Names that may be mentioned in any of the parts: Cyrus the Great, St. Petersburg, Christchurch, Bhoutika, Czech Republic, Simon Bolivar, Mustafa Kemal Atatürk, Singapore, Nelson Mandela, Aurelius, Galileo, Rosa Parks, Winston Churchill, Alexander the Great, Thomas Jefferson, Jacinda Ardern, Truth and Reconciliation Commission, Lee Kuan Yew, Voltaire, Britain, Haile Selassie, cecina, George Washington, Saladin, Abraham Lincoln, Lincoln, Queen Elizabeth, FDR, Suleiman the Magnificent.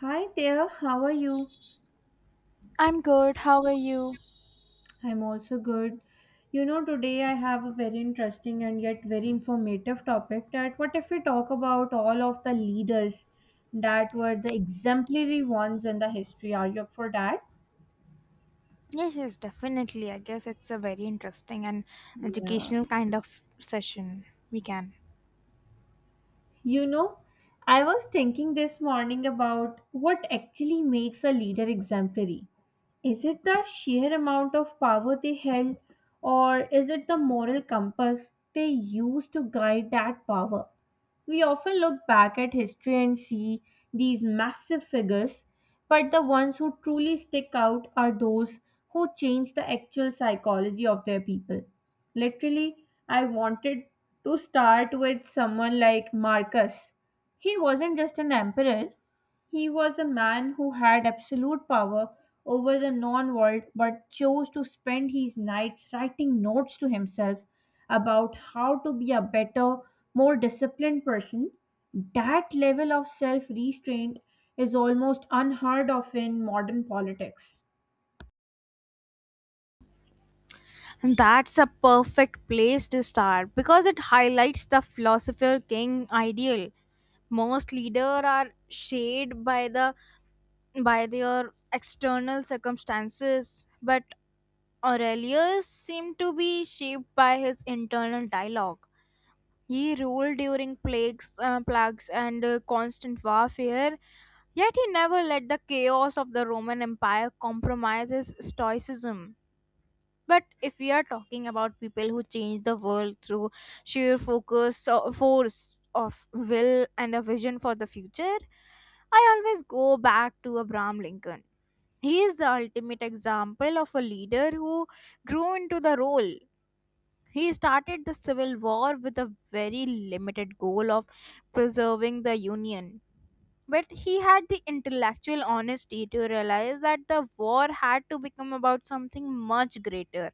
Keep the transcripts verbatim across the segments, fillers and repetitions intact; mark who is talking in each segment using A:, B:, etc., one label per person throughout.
A: Hi there, how are you?
B: I'm good. How are you?
A: I'm also good. You know, today I have a very interesting and yet very informative topic that what if we talk about all of the leaders that were the exemplary ones in the history? Are you up for that?
B: Yes, yes, definitely. I guess it's a very interesting and
A: Yeah.
B: educational kind of session. We can.
A: You know, I was thinking this morning about what actually makes a leader exemplary. Is it the sheer amount of power they held, or is it the moral compass they used to guide that power? We often look back at history and see these massive figures, but the ones who truly stick out are those who change the actual psychology of their people. Literally, I wanted to start with someone like Marcus. He wasn't just an emperor, he was a man who had absolute power over the known world but chose to spend his nights writing notes to himself about how to be a better, more disciplined person. That level of self restraint is almost unheard of in modern politics.
B: And that's a perfect place to start because it highlights the philosopher king ideal. Most leaders are shaped by the by their external circumstances, but Aurelius seemed to be shaped by his internal dialogue. He ruled during plagues, uh, plagues and uh, constant warfare, yet he never let the chaos of the Roman Empire compromise his stoicism. But if we are talking about people who change the world through sheer focus or force of will and a vision for the future, I always go back to Abraham Lincoln. He is the ultimate example of a leader who grew into the role. He started the Civil War with a very limited goal of preserving the Union. But he had the intellectual honesty to realize that the war had to become about something much greater,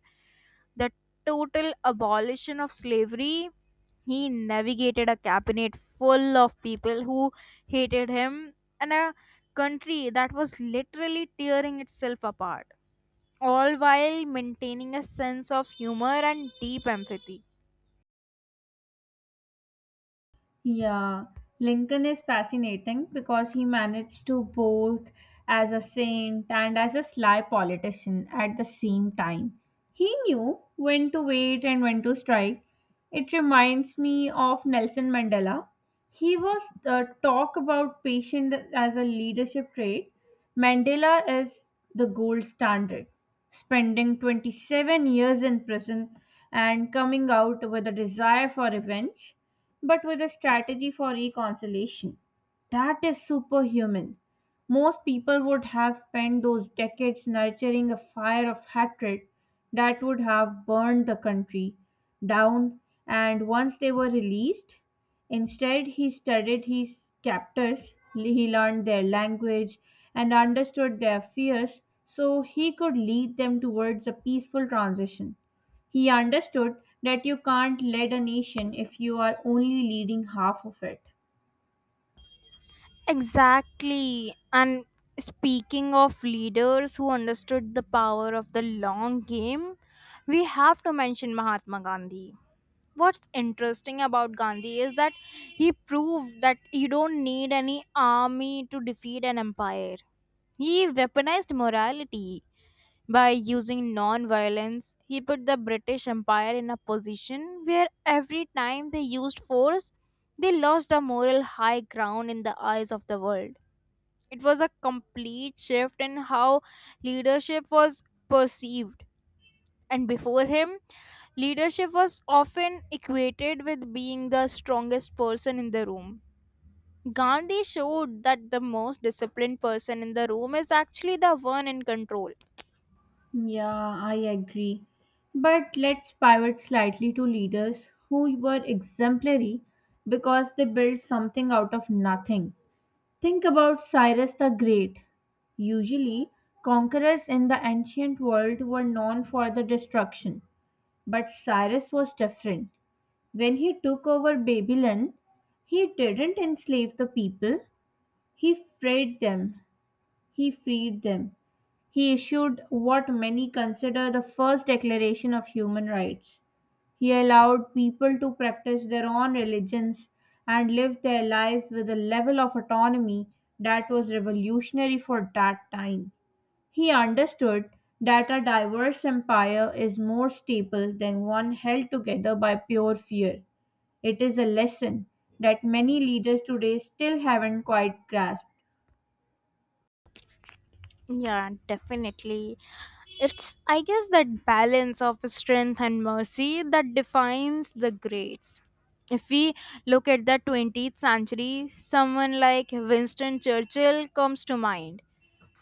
B: the total abolition of slavery. He navigated a cabinet full of people who hated him and a country that was literally tearing itself apart, all while maintaining a sense of humor and deep empathy.
A: Yeah, Lincoln is fascinating because he managed to both as a saint and as a sly politician at the same time. He knew when to wait and when to strike. It reminds me of Nelson Mandela. He was uh, talk about patient as a leadership trait. Mandela is the gold standard, spending twenty-seven years in prison and coming out with a desire for revenge but with a strategy for reconciliation. That is superhuman. Most people would have spent those decades nurturing a fire of hatred that would have burned the country down, and once they were released, instead he studied his captors, he learned their language, and understood their fears so he could lead them towards a peaceful transition. He understood that you can't lead a nation if you are only leading half of it.
B: Exactly. And speaking of leaders who understood the power of the long game, we have to mention Mahatma Gandhi. What's interesting about Gandhi is that he proved that you don't need any army to defeat an empire. He weaponized morality by using non violence. He put the British Empire in a position where every time they used force, they lost the moral high ground in the eyes of the world. It was a complete shift in how leadership was perceived. And before him, leadership was often equated with being the strongest person in the room. Gandhi showed that the most disciplined person in the room is actually the one in control.
A: Yeah, I agree. But let's pivot slightly to leaders who were exemplary because they built something out of nothing. Think about Cyrus the Great. Usually, conquerors in the ancient world were known for the destruction, but Cyrus was different. When he took over Babylon, he didn't enslave the people. He freed them. He freed them. He issued what many consider the first declaration of human rights. He allowed people to practice their own religions and live their lives with a level of autonomy that was revolutionary for that time. He understood that a diverse empire is more stable than one held together by pure fear. It is a lesson that many leaders today still haven't quite grasped.
B: Yeah, definitely. It's, I guess, that balance of strength and mercy that defines the greats. If we look at the twentieth century, someone like Winston Churchill comes to mind,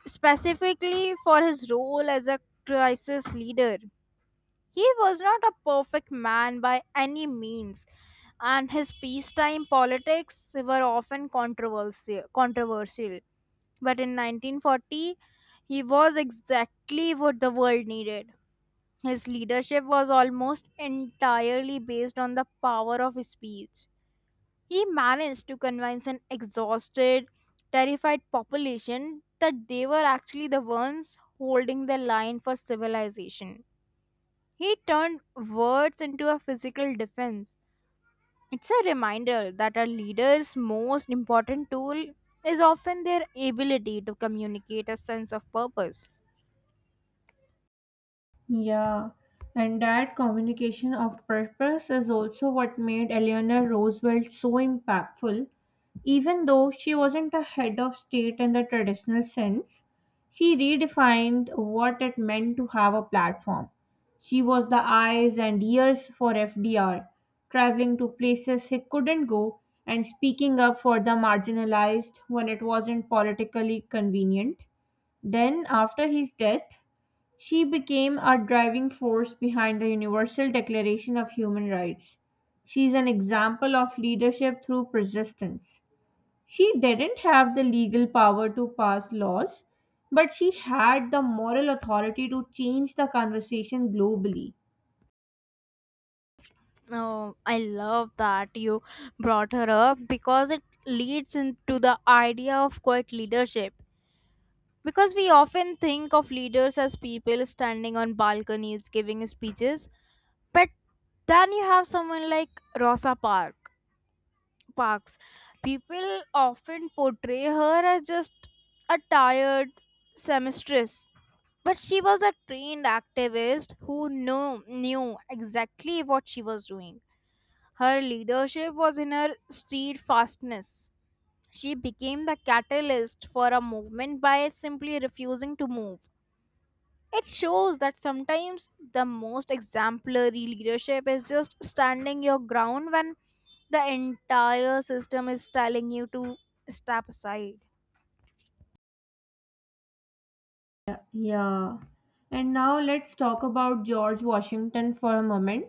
B: specifically for his role as a crisis leader. He was not a perfect man by any means, and his peacetime politics were often controversial. controversial. But in nineteen forty, he was exactly what the world needed. His leadership was almost entirely based on the power of speech. He managed to convince an exhausted, terrified population that they were actually the ones holding the line for civilization. He turned words into a physical defense. It's a reminder that a leader's most important tool is often their ability to communicate a sense of purpose.
A: Yeah, and that communication of purpose is also what made Eleanor Roosevelt so impactful. Even though she wasn't a head of state in the traditional sense, she redefined what it meant to have a platform. She was the eyes and ears for F D R, traveling to places he couldn't go and speaking up for the marginalized when it wasn't politically convenient. Then, after his death, she became a driving force behind the Universal Declaration of Human Rights. She is an example of leadership through persistence. She didn't have the legal power to pass laws, but she had the moral authority to change the conversation globally.
B: Oh, I love that you brought her up because it leads into the idea of quiet leadership. Because we often think of leaders as people standing on balconies giving speeches, but then you have someone like Rosa Park Parks. People often portray her as just a tired seamstress, but she was a trained activist who knew, knew exactly what she was doing. Her leadership was in her steadfastness. She became the catalyst for a movement by simply refusing to move. It shows that sometimes the most exemplary leadership is just standing your ground when the entire system is telling you to step aside.
A: Yeah. And now let's talk about George Washington for a moment.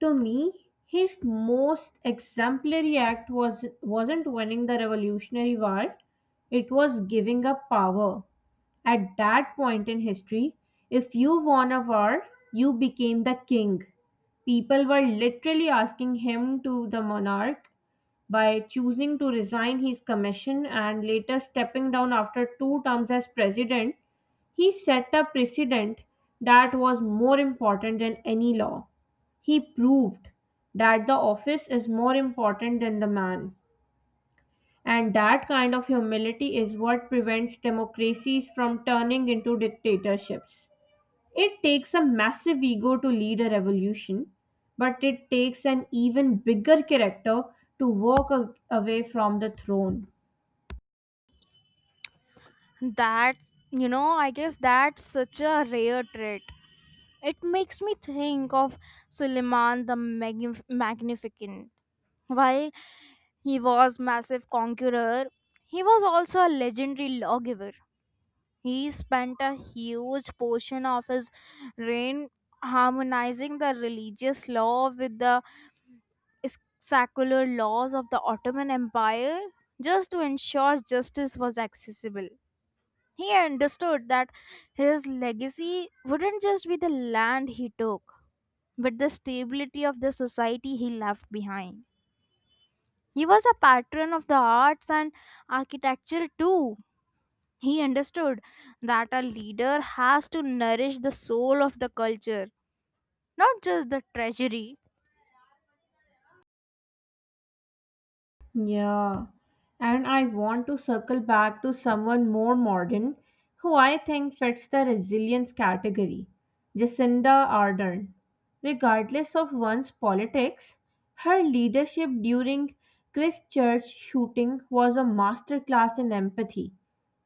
A: To me, his most exemplary act was wasn't winning the Revolutionary War, it was giving up power. At that point in history, if you won a war, you became the king. People were literally asking him to the monarch by choosing to resign his commission and later stepping down after two terms as president. He set a precedent that was more important than any law. He proved that the office is more important than the man, and that kind of humility is what prevents democracies from turning into dictatorships. It takes a massive ego to lead a revolution, but it takes an even bigger character to walk a- away from the throne.
B: That, you know, I guess that's such a rare trait. It makes me think of Suleiman the Magnif- Magnificent. While he was massive conqueror. He was also a legendary lawgiver. He spent a huge portion of his reign harmonizing the religious law with the s- secular laws of the Ottoman Empire just to ensure justice was accessible. He understood that his legacy wouldn't just be the land he took, but the stability of the society he left behind. He was a patron of the arts and architecture too. He understood that a leader has to nourish the soul of the culture, not just the treasury.
A: Yeah, and I want to circle back to someone more modern who I think fits the resilience category, Jacinda Ardern. Regardless of one's politics, her leadership during Christchurch shooting was a masterclass in empathy.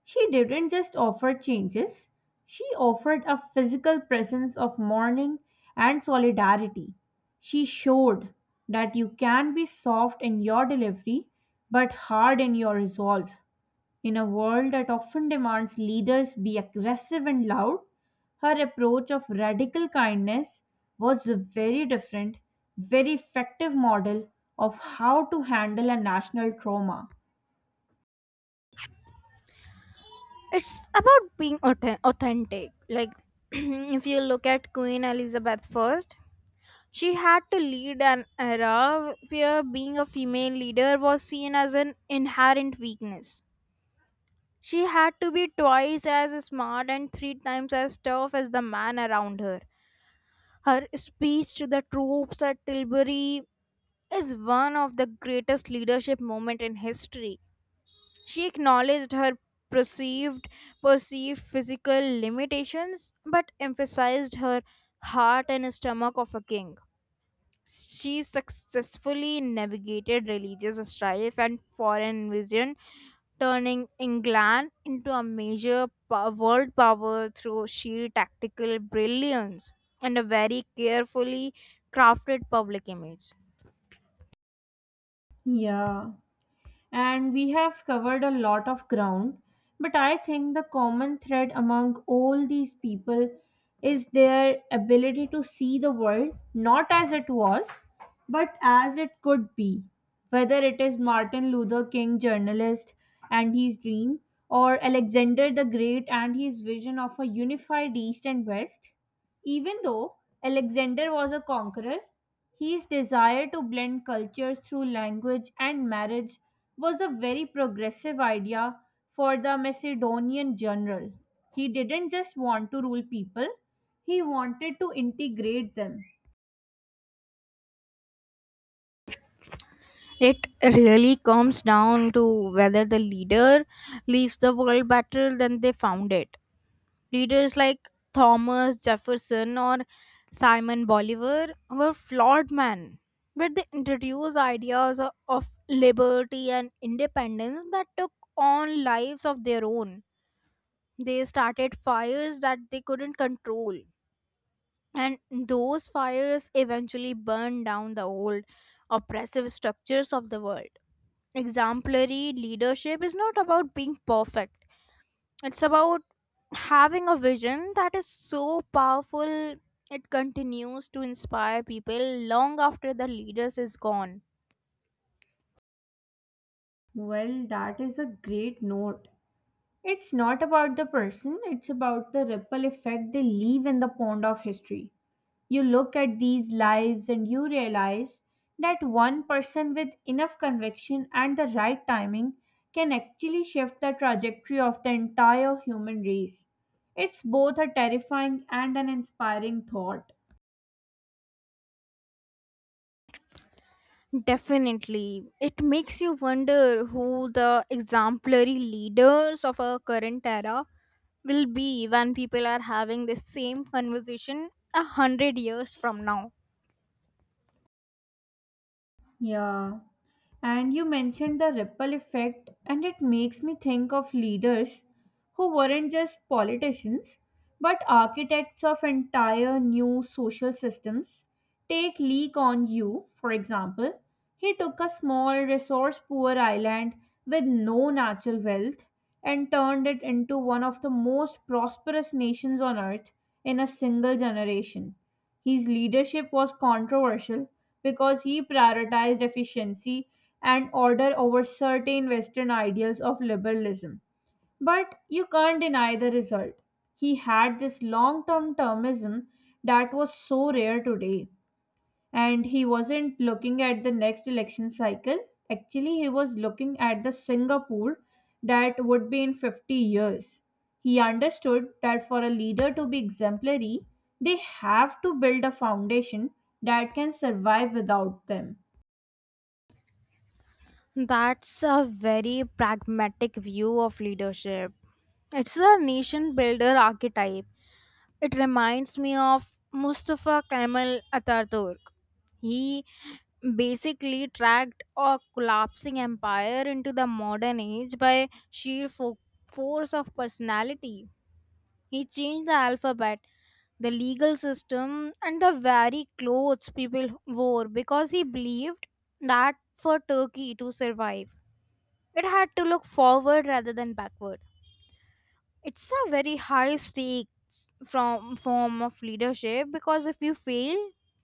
A: She didn't just offer changes, she offered a physical presence of mourning and solidarity. She showed that you can be soft in your delivery but hard in your resolve. In a world that often demands leaders be aggressive and loud, her approach of radical kindness was a very different, very effective model of how to handle a national trauma.
B: It's about being authen- authentic. Like, if you look at Queen Elizabeth first, she had to lead an era where being a female leader was seen as an inherent weakness. She had to be twice as smart and three times as tough as the man around her. Her speech to the troops at Tilbury is one of the greatest leadership moments in history. She acknowledged her perceived perceived physical limitations but emphasized her heart and stomach of a king. She successfully navigated religious strife and foreign invasion, turning England into a major po- world power through sheer tactical brilliance and a very carefully crafted public image.
A: Yeah, and we have covered a lot of ground. But I think the common thread among all these people is their ability to see the world not as it was, but as it could be. Whether it is Martin Luther King, journalist, and his dream, or Alexander the Great and his vision of a unified East and West, even though Alexander was a conqueror, his desire to blend cultures through language and marriage was a very progressive idea for the Macedonian general. He didn't just want to rule people, he wanted to integrate them.
B: It really comes down to whether the leader leaves the world better than they found it. Leaders like Thomas Jefferson or Simon Bolivar were flawed men, but they introduced ideas o- of liberty and independence that took on lives of their own. They started fires that they couldn't control. And those fires eventually burned down the old oppressive structures of the world. Exemplary leadership is not about being perfect, it's about having a vision that is so powerful it continues to inspire people long after the leaders is gone.
A: Well, that is a great note. It's not about the person, it's about the ripple effect they leave in the pond of history. You look at these lives and you realize that one person with enough conviction and the right timing can actually shift the trajectory of the entire human race. It's both a terrifying and an inspiring thought.
B: Definitely, it makes you wonder who the exemplary leaders of our current era will be when people are having the same conversation a hundred years from now.
A: Yeah. And you mentioned the ripple effect, and it makes me think of leaders who weren't just politicians but architects of entire new social systems. Take Lee Kuan Yew, for example. He took a small, resource poor island with no natural wealth and turned it into one of the most prosperous nations on earth in a single generation. His leadership was controversial because he prioritized efficiency and order over certain Western ideals of liberalism. But you can't deny the result. He had this long term termism that was so rare today, and he wasn't looking at the next election cycle. Actually, he was looking at the Singapore that would be in fifty years. He understood that for a leader to be exemplary, they have to build a foundation that can survive without them.
B: That's a very pragmatic view of leadership. It's the nation builder archetype. It reminds me of Mustafa Kemal Atatürk. He basically tracked a collapsing empire into the modern age by sheer fo- force of personality. He changed the alphabet, the legal system, and the very clothes people wore because he believed that for Turkey to survive, it had to look forward rather than backward. It's a very high stakes from form of leadership because if you fail,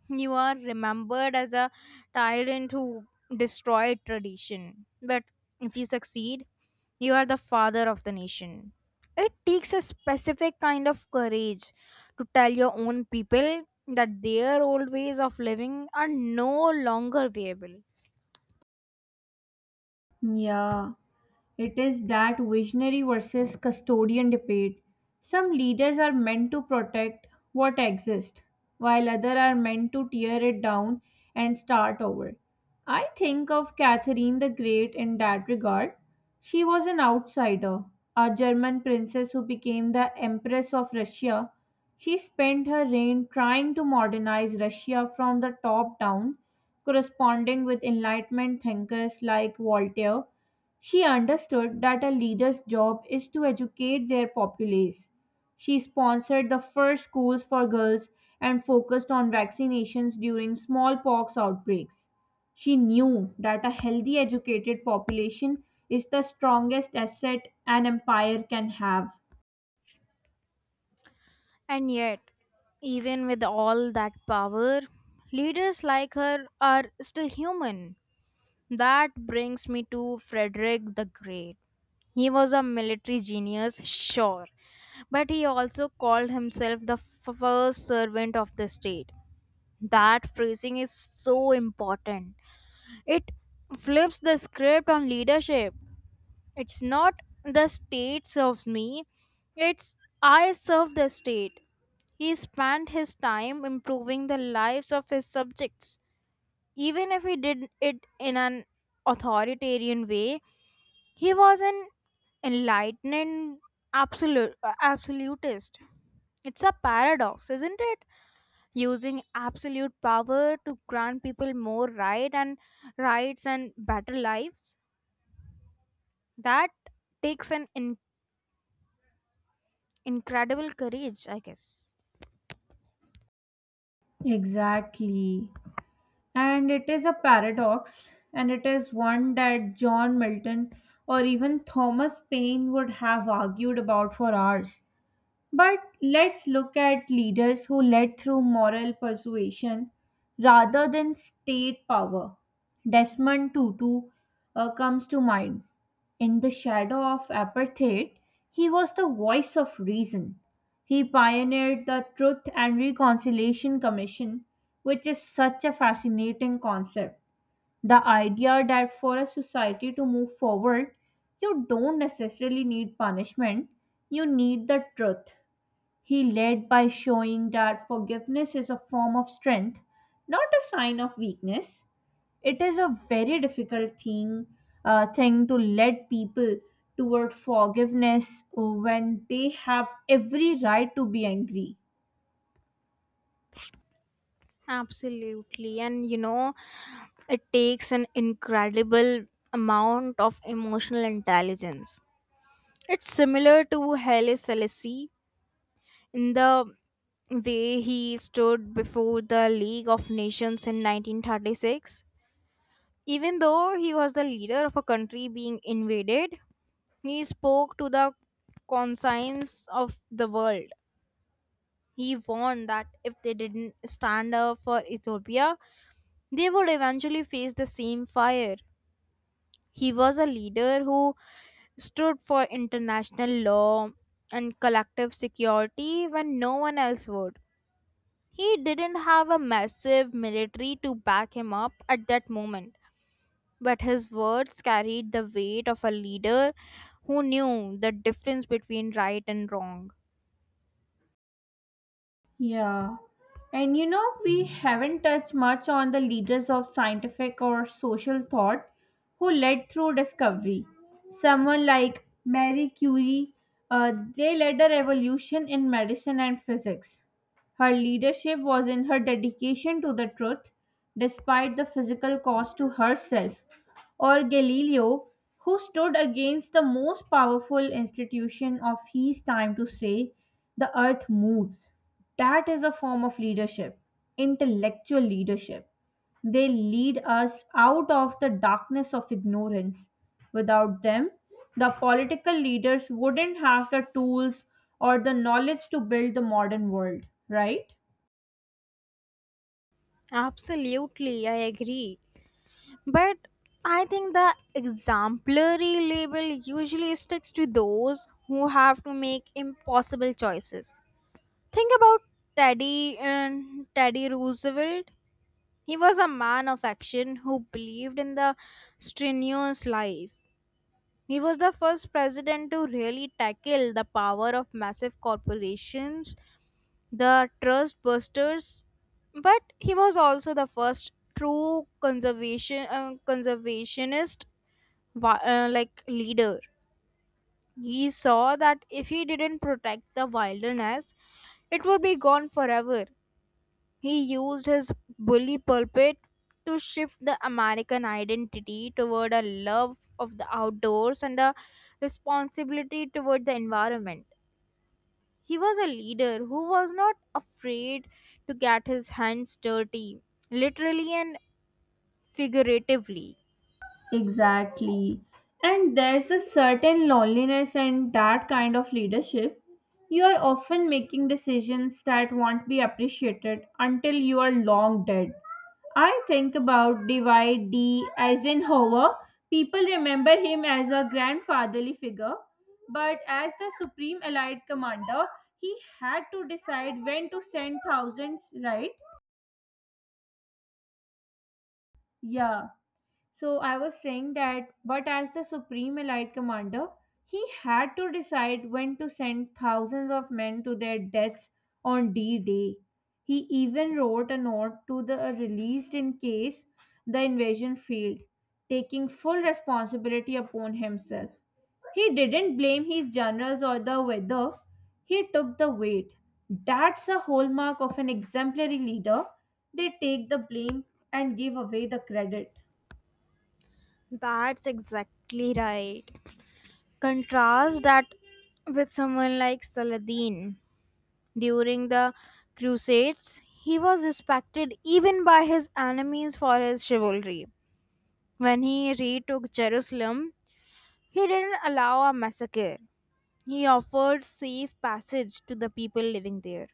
B: you are remembered as a tyrant who destroyed tradition. But if you succeed, you are the father of the nation. It takes a specific kind of courage to tell your own people that their old ways of living are no longer viable.
A: Yeah. It is that visionary versus custodian debate. Some leaders are meant to protect what exists, while others are meant to tear it down and start over. I think of Catherine the Great in that regard. She was an outsider, a German princess who became the Empress of Russia. She spent her reign trying to modernize Russia from the top down, corresponding with Enlightenment thinkers like Voltaire. She understood that a leader's job is to educate their populace. She sponsored the first schools for girls and focused on vaccinations during smallpox outbreaks. She knew that a healthy, educated population is the strongest asset an empire can have.
B: And yet, even with all that power, leaders like her are still human. That brings me to Frederick the Great. He was a military genius, sure, but he also called himself the f- first servant of the state. That phrasing is so important. It flips the script on leadership. It's not the state serves me, it's I serve the state. He spent his time improving the lives of his subjects. Even if he did it in an authoritarian way, he was an enlightened absolute absolutist. It's a paradox, isn't it? Using absolute power to grant people more right and rights and better lives, that takes an in- incredible courage, I guess.
A: Exactly. And it is a paradox, and it is one that John Milton or even Thomas Paine would have argued about for hours. But let's look at leaders who led through moral persuasion rather than state power. Desmond Tutu uh, comes to mind. In the shadow of apartheid, he was the voice of reason. He pioneered the Truth and Reconciliation Commission, which is such a fascinating concept. The idea that for a society to move forward, you don't necessarily need punishment, you need the truth. He led by showing that forgiveness is a form of strength, not a sign of weakness. It is a very difficult thing, uh, thing to lead people toward forgiveness when they have every right to be angry.
B: Absolutely. And you know, it takes an incredible amount of emotional intelligence. It's similar to Haile Selassie in the way he stood before the League of Nations in nineteen thirty-six. Even though he was the leader of a country being invaded, he spoke to the conscience of the world. He warned that if they didn't stand up for Ethiopia, they would eventually face the same fire. He was a leader who stood for international law and collective security when no one else would. He didn't have a massive military to back him up at that moment, but his words carried the weight of a leader who knew the difference between right and wrong.
A: Yeah. And you know, we haven't touched much on the leaders of scientific or social thought who led through discovery. Someone like Marie Curie, uh, they led a revolution in medicine and physics. Her leadership was in her dedication to the truth, despite the physical cost to herself. Or Galileo, who stood against the most powerful institution of his time to say, "The earth moves." That is a form of leadership, intellectual leadership. They lead us out of the darkness of ignorance. Without them, the political leaders wouldn't have the tools or the knowledge to build the modern world, right?
B: Absolutely, I agree. But I think the exemplary label usually sticks to those who have to make impossible choices. Think about Teddy and Teddy Roosevelt. He was a man of action who believed in the strenuous life. He was the first president to really tackle the power of massive corporations, the trust busters, but he was also the first true conservation uh, conservationist wi- uh, like leader. He saw that if he didn't protect the wilderness, it would be gone forever. He used his bully pulpit to shift the American identity toward a love of the outdoors and a responsibility toward the environment. He was a leader who was not afraid to get his hands dirty, literally and figuratively.
A: Exactly. And there's a certain loneliness in that kind of leadership. You are often making decisions that won't be appreciated until you are long dead. I think about Dwight D. Eisenhower. People remember him as a grandfatherly figure, but as the supreme Allied commander, he had to decide when to send thousands, right? Yeah. So I was saying that, but as the supreme Allied commander, he had to decide when to send thousands of men to their deaths on D Day. He even wrote a note to the uh, released in case the invasion failed, taking full responsibility upon himself. He didn't blame his generals or the weather, he took the weight. That's a hallmark of an exemplary leader. They take the blame and give away the credit.
B: That's exactly right. Contrast that with someone like Saladin. During the Crusades, he was respected even by his enemies for his chivalry. When he retook Jerusalem, he didn't allow a massacre. He offered safe passage to the people living there.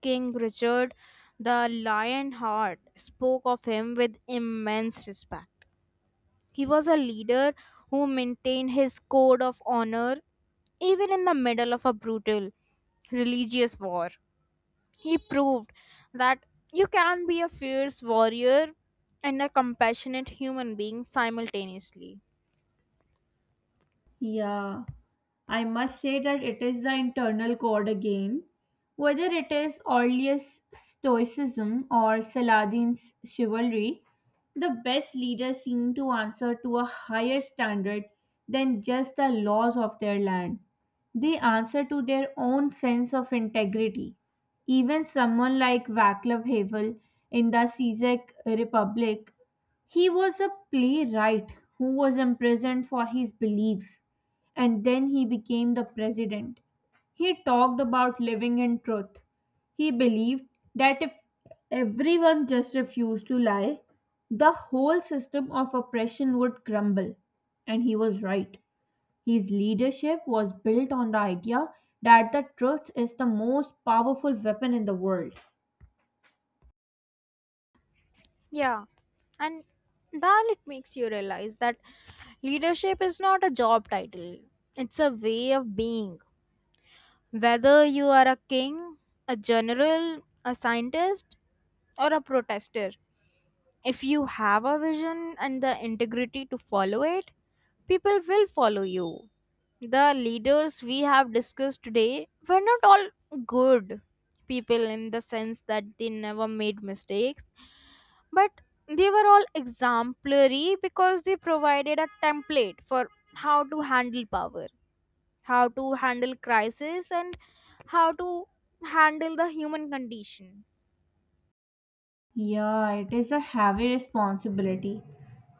B: King Richard the Lionheart spoke of him with immense respect. He was a leader who maintained his code of honor even in the middle of a brutal religious war. He proved that you can be a fierce warrior and a compassionate human being simultaneously.
A: Yeah, I must say that it is the internal chord again. Whether it is Orlius' stoicism or Saladin's chivalry, the best leaders seem to answer to a higher standard than just the laws of their land. They answer to their own sense of integrity. Even someone like Vaclav Havel in the Czech Republic, he was a playwright who was imprisoned for his beliefs and then he became the president. He talked about living in truth. He believed that if everyone just refused to lie, the whole system of oppression would crumble. And he was right. His leadership was built on the idea that the truth is the most powerful weapon in the world.
B: Yeah, and then it makes you realize that leadership is not a job title, it's a way of being. Whether you are a king, a general, a scientist, or a protester, if you have a vision and the integrity to follow it, people will follow you. The leaders we have discussed today were not all good people in the sense that they never made mistakes, but they were all exemplary because they provided a template for how to handle power, how to handle crisis, and how to handle the human condition.
A: Yeah, it is a heavy responsibility.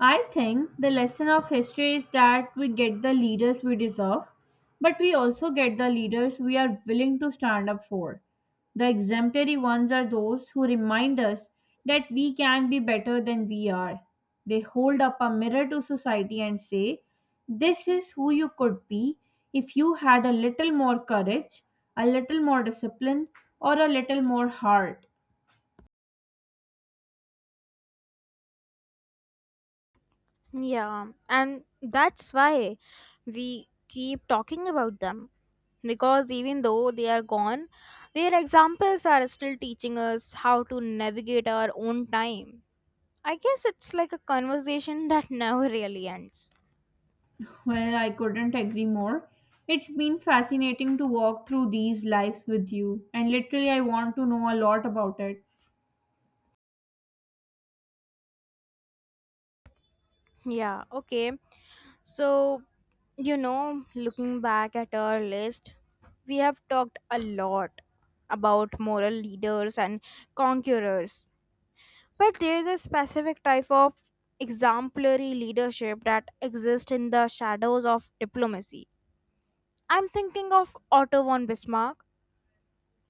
A: I think the lesson of history is that we get the leaders we deserve, but we also get the leaders we are willing to stand up for. The exemplary ones are those who remind us that we can be better than we are. They hold up a mirror to society and say, "This is who you could be if you had a little more courage, a little more discipline, or a little more heart."
B: Yeah, and that's why we keep talking about them, because even though they are gone, their examples are still teaching us how to navigate our own time. I guess it's like a conversation that never really ends.
A: Well, I couldn't agree more. It's been fascinating to walk through these lives with you, and literally, I want to know a lot about it.
B: Yeah, okay. So, you know, looking back at our list, we have talked a lot about moral leaders and conquerors. But there is a specific type of exemplary leadership that exists in the shadows of diplomacy. I'm thinking of Otto von Bismarck.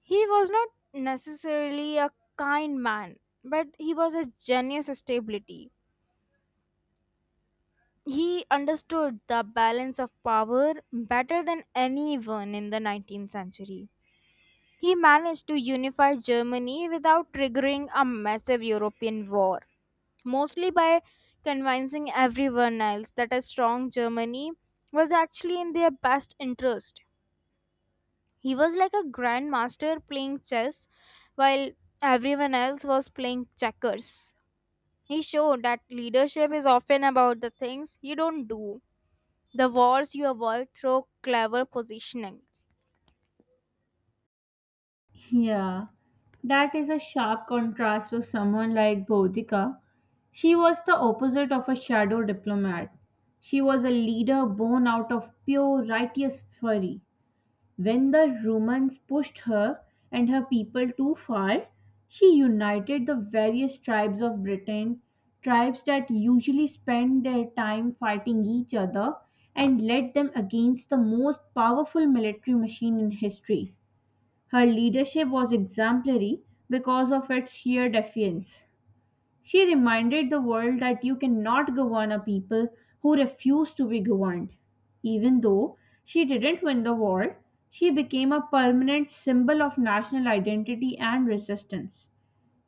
B: He was not necessarily a kind man, but he was a genius of stability. He understood the balance of power better than anyone in the nineteenth century. He managed to unify Germany without triggering a massive European war, mostly by convincing everyone else that a strong Germany was actually in their best interest. He was like a grandmaster playing chess while everyone else was playing checkers. He showed that leadership is often about the things you don't do, the wars you avoid through clever positioning.
A: Yeah, that is a sharp contrast to someone like Bhoutika. She was the opposite of a shadow diplomat. She was a leader born out of pure righteous fury. When the Romans pushed her and her people too far, she united the various tribes of Britain, tribes that usually spend their time fighting each other, and led them against the most powerful military machine in history. Her leadership was exemplary because of its sheer defiance. She reminded the world that you cannot govern a people who refuse to be governed. Even though she didn't win the war, she became a permanent symbol of national identity and resistance.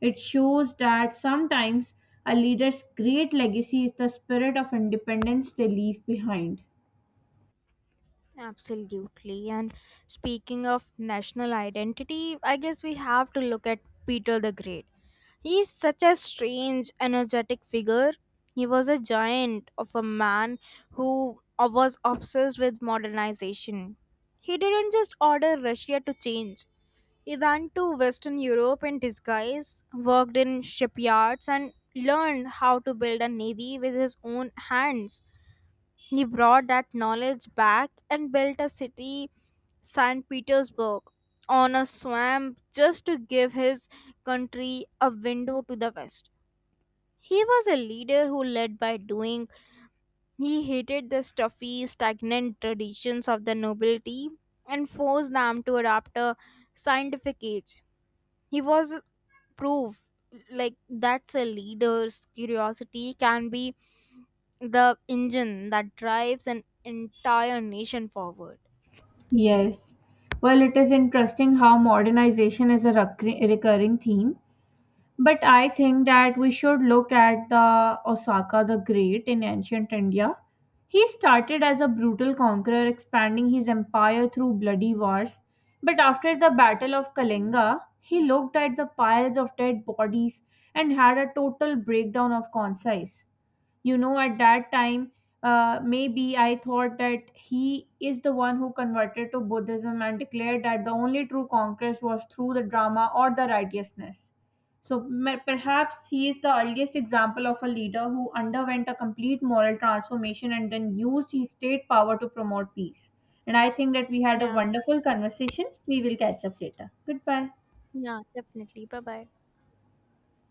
A: It shows that sometimes a leader's great legacy is the spirit of independence they leave behind.
B: Absolutely. And speaking of national identity, I guess we have to look at Peter the Great. He is such a strange energetic figure. He was a giant of a man who was obsessed with modernization. He didn't just order Russia to change. He went to western Europe in disguise, worked in shipyards, and learned how to build a navy with his own hands. He brought that knowledge back and built a city, saint Petersburg, on a swamp just to give his country a window to the West. He was a leader who led by doing. He hated the stuffy, stagnant traditions of the nobility and forced them to adopt a scientific age. He was proof, like, that's a leader's curiosity can be the engine that drives an entire nation forward.
A: Yes. Well, it is interesting how modernization is a recur- recurring theme. But I think that we should look at the Osaka the Great in ancient India. He started as a brutal conqueror, expanding his empire through bloody wars. But after the Battle of Kalinga, he looked at the piles of dead bodies and had a total breakdown of conscience. You know, at that time, uh, maybe I thought that he is the one who converted to Buddhism and declared that the only true conquest was through the drama or the righteousness. So ma- perhaps he is the earliest example of a leader who underwent a complete moral transformation and then used his state power to promote peace. And I think that we had a
B: Yeah,
A: wonderful conversation. We will catch up later. Goodbye.
B: yeah, definitely. Bye bye.